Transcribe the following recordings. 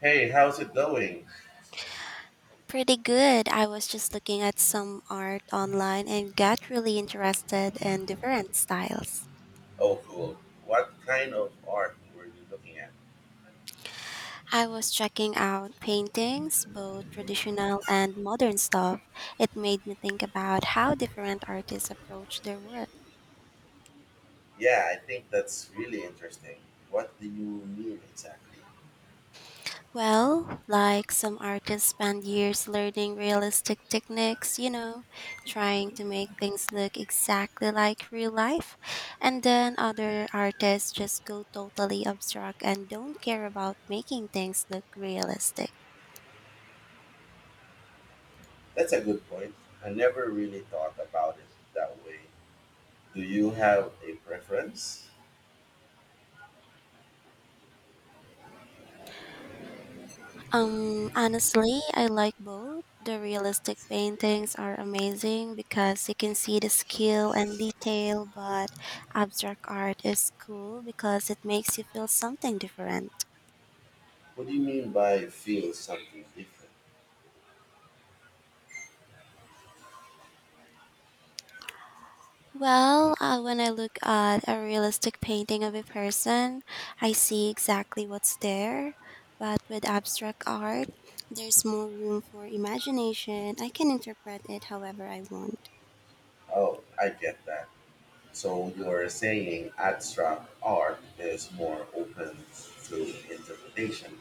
Hey, how's it going? Pretty good. I was just looking at some art online and got really interested in different styles. Oh, cool. What kind of art were you looking at? I was checking out paintings, both traditional and modern stuff. It made me think about how different artists approach their work. Yeah, I think that's really interesting. What do you mean exactly? Well, like some artists spend years learning realistic techniques, you know, trying to make things look exactly like real life. And then other artists just go totally abstract and don't care about making things look realistic. That's a good point. I never really thought about it that way. Do you have a preference? Honestly, I like both. The realistic paintings are amazing because you can see the skill and detail, but abstract art is cool because it makes you feel something different. What do you mean by feel something different? Well, when I look at a realistic painting of a person, I see exactly what's there. But with abstract art, there's more room for imagination. I can interpret it however I want. Oh, I get that. So you're saying abstract art is more open to interpretation.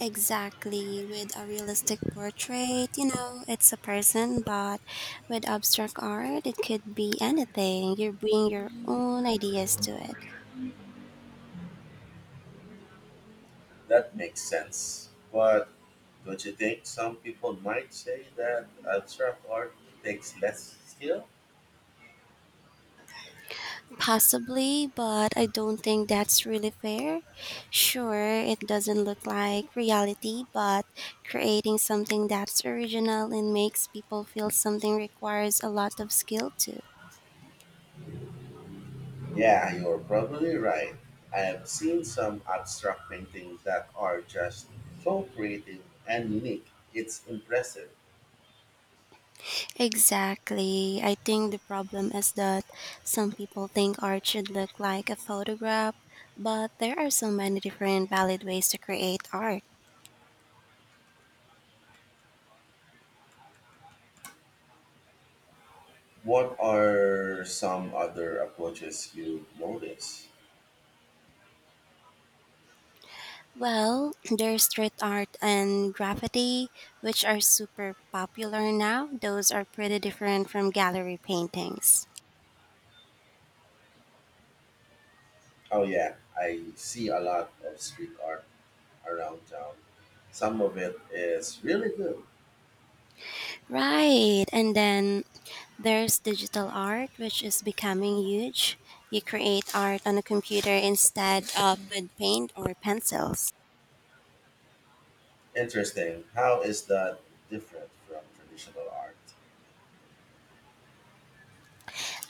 Exactly. With a realistic portrait, you know, it's a person, but with abstract art, it could be anything. You bring your own ideas to it. That makes sense. But don't you think some people might say that abstract art takes less skill? Possibly, but I don't think that's really fair. Sure, it doesn't look like reality, but creating something that's original and makes people feel something requires a lot of skill too. Yeah, you're probably right. I have seen some abstract paintings that are just so creative and unique. It's impressive. Exactly. I think the problem is that some people think art should look like a photograph, but there are so many different valid ways to create art. What are some other approaches you notice? Well, there's street art and graffiti, which are super popular now. Those are pretty different from gallery paintings. Oh, yeah, I see a lot of street art around town. Some of it is really good. Right. And then there's digital art, which is becoming huge. You create art on a computer instead of with paint or pencils. Interesting. How is that different from traditional art?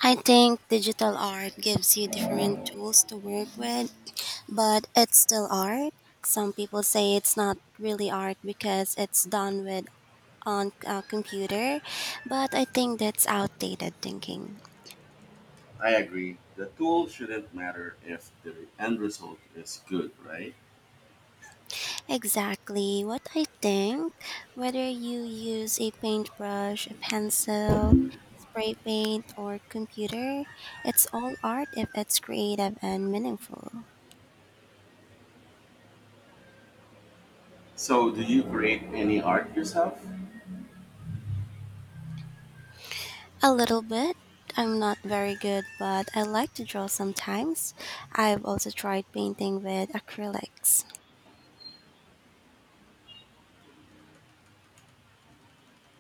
I think digital art gives you different tools to work with, but it's still art. Some people say it's not really art because it's done with on a computer, but I think that's outdated thinking. I agree. The tool shouldn't matter if the end result is good, right? Exactly what I think, whether you use a paintbrush, a pencil, spray paint, or computer, it's all art if it's creative and meaningful. So, do you create any art yourself? A little bit. I'm not very good, but I like to draw sometimes. I've also tried painting with acrylics.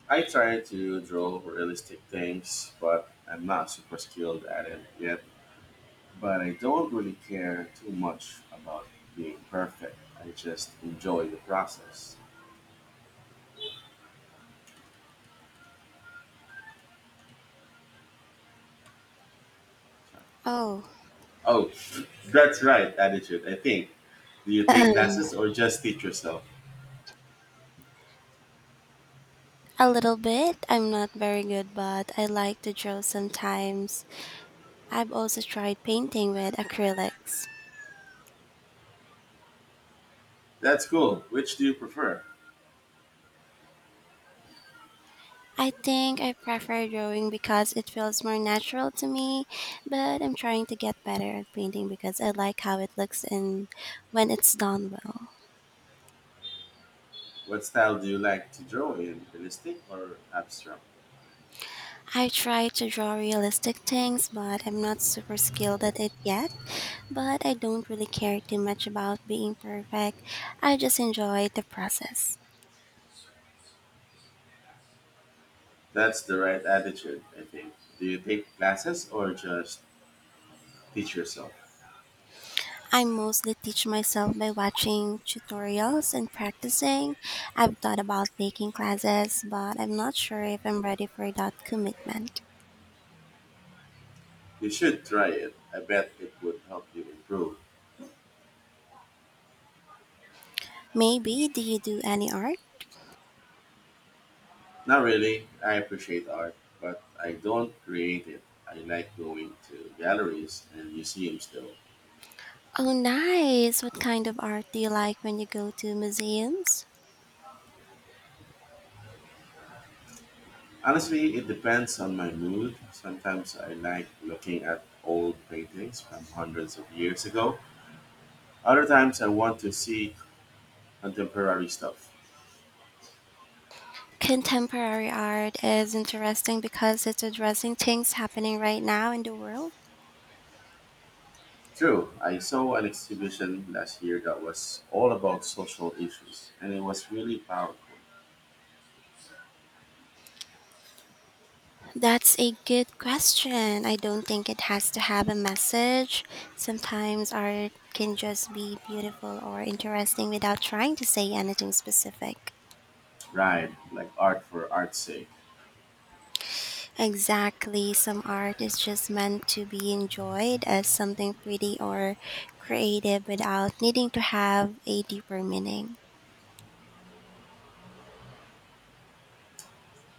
I try to draw realistic things, but I'm not super skilled at it yet. But I don't really care too much about being perfect. I just enjoy the process. Oh. Oh, that's right, attitude, I think. Do you take A classes or just teach yourself? little bit. I'm not very good, but I like to draw sometimes. I've also tried painting with acrylics. That's cool. Which do you prefer? I think I prefer drawing because it feels more natural to me, but I'm trying to get better at painting because I like how it looks and when it's done well. What style do you like to draw in? Realistic or abstract? I try to draw realistic things, but I'm not super skilled at it yet, but I don't really care too much about being perfect. I just enjoy the process. That's the right attitude, I think. Do you take classes or just teach yourself? I mostly teach myself by watching tutorials and practicing. I've thought about taking classes, but I'm not sure if I'm ready for that commitment. You should try it. I bet it would help you improve. Maybe. Do you do any art? Not really. I appreciate art, but I don't create it. I like going to galleries and museums though. Oh, nice! What kind of art do you like when you go to museums? Honestly, it depends on my mood. Sometimes I like looking at old paintings from hundreds of years ago. Other times I want to see contemporary stuff. Contemporary art is interesting because it's addressing things happening right now in the world. True, I saw an exhibition last year that was all about social issues, and it was really powerful. That's a good question. I don't think it has to have a message. Sometimes art can just be beautiful or interesting without trying to say anything specific. Right, like art for art's sake. Exactly. Some art is just meant to be enjoyed as something pretty or creative without needing to have a deeper meaning.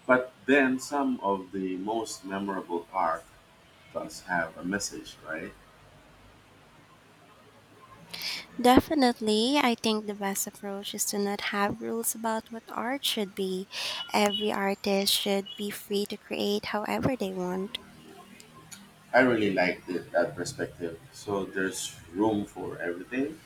But then some of the most memorable art does have a message, right? Definitely. I think the best approach is to not have rules about what art should be. Every artist should be free to create however they want. I really liked it, that perspective. So there's room for everything.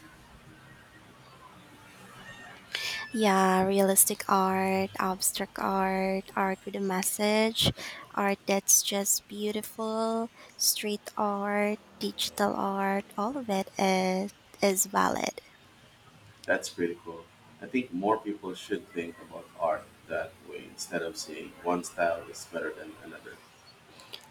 Yeah, realistic art, abstract art, art with a message, art that's just beautiful, street art, digital art, all of it is valid. That's pretty cool. I think more people should think about art that way instead of saying one style is better than another.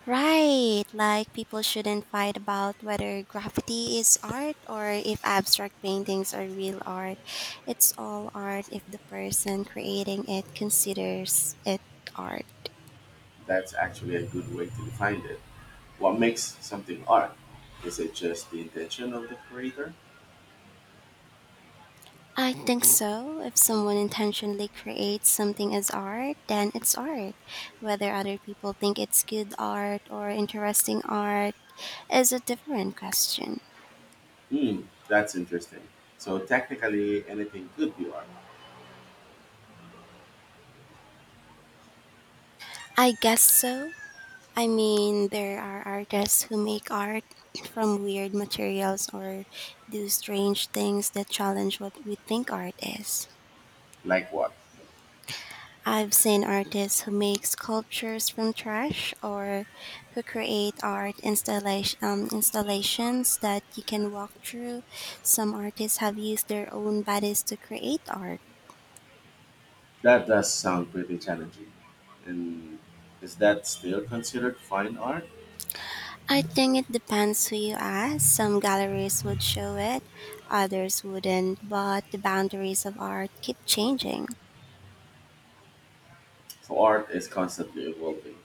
Right, like people shouldn't fight about whether graffiti is art or if abstract paintings are real art. It's all art if the person creating it considers it art. That's actually a good way to define it. What makes something art? Is it just the intention of the creator? I think so. If someone intentionally creates something as art, then it's art. Whether other people think it's good art or interesting art is a different question. Hmm, that's interesting. So technically, anything could be art. I guess so. I mean, there are artists who make art from weird materials or do strange things that challenge what we think art is. Like what? I've seen artists who make sculptures from trash or who create art installations that you can walk through. Some artists have used their own bodies to create art. That does sound pretty challenging. And is that still considered fine art? I think it depends who you ask. Some galleries would show it, others wouldn't, but the boundaries of art keep changing. So art is constantly evolving.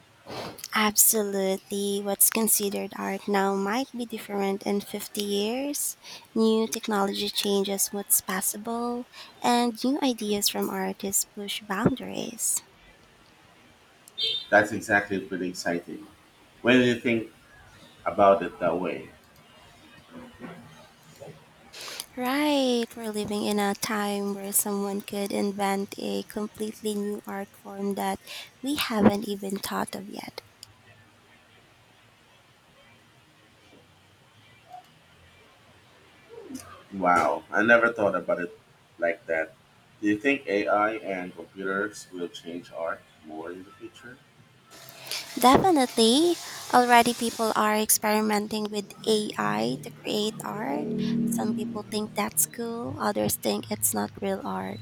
Absolutely. What's considered art now might be different in 50 years. New technology changes what's possible, and new ideas from artists push boundaries. That's exactly pretty exciting. When you think about it that way, Right, we're living in a time where someone could invent a completely new art form that we haven't even thought of yet. wow, I never thought about it like that. Do you think AI and computers will change art more in the future? Definitely. Already people are experimenting with AI to create art. Some people think that's cool, others think it's not real art.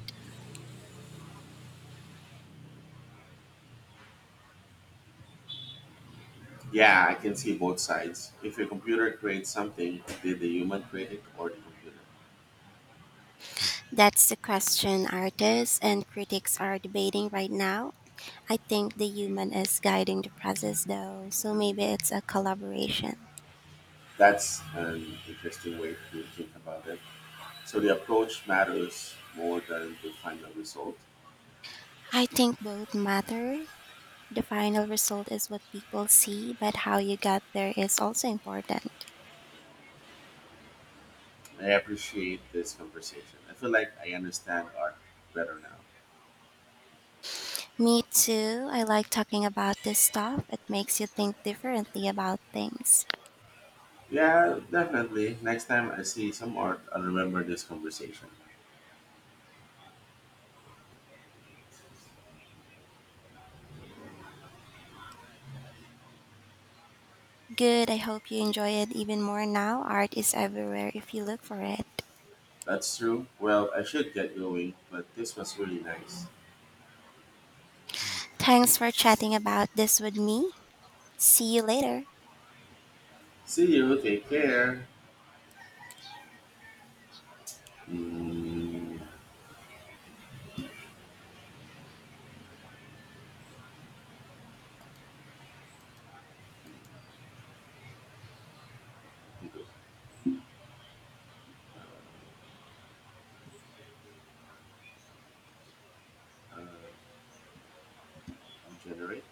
Yeah, I can see both sides. If a computer creates something, did the human create it or the computer? That's the question artists and critics are debating right now. I think the human is guiding the process though, so maybe it's a collaboration. That's an interesting way to think about it. So the approach matters more than the final result. I think both matter. The final result is what people see, but how you got there is also important. I appreciate this conversation. I feel like I understand art better now. Me too. I like talking about this stuff. It makes you think differently about things. Yeah, definitely. Next time I see some art, I'll remember this conversation. Good. I hope you enjoy it even more now. Art is everywhere if you look for it. That's true. Well, I should get going, but this was really nice. Thanks for chatting about this with me. See you later. See you. Take care. Mm, uh, Generate.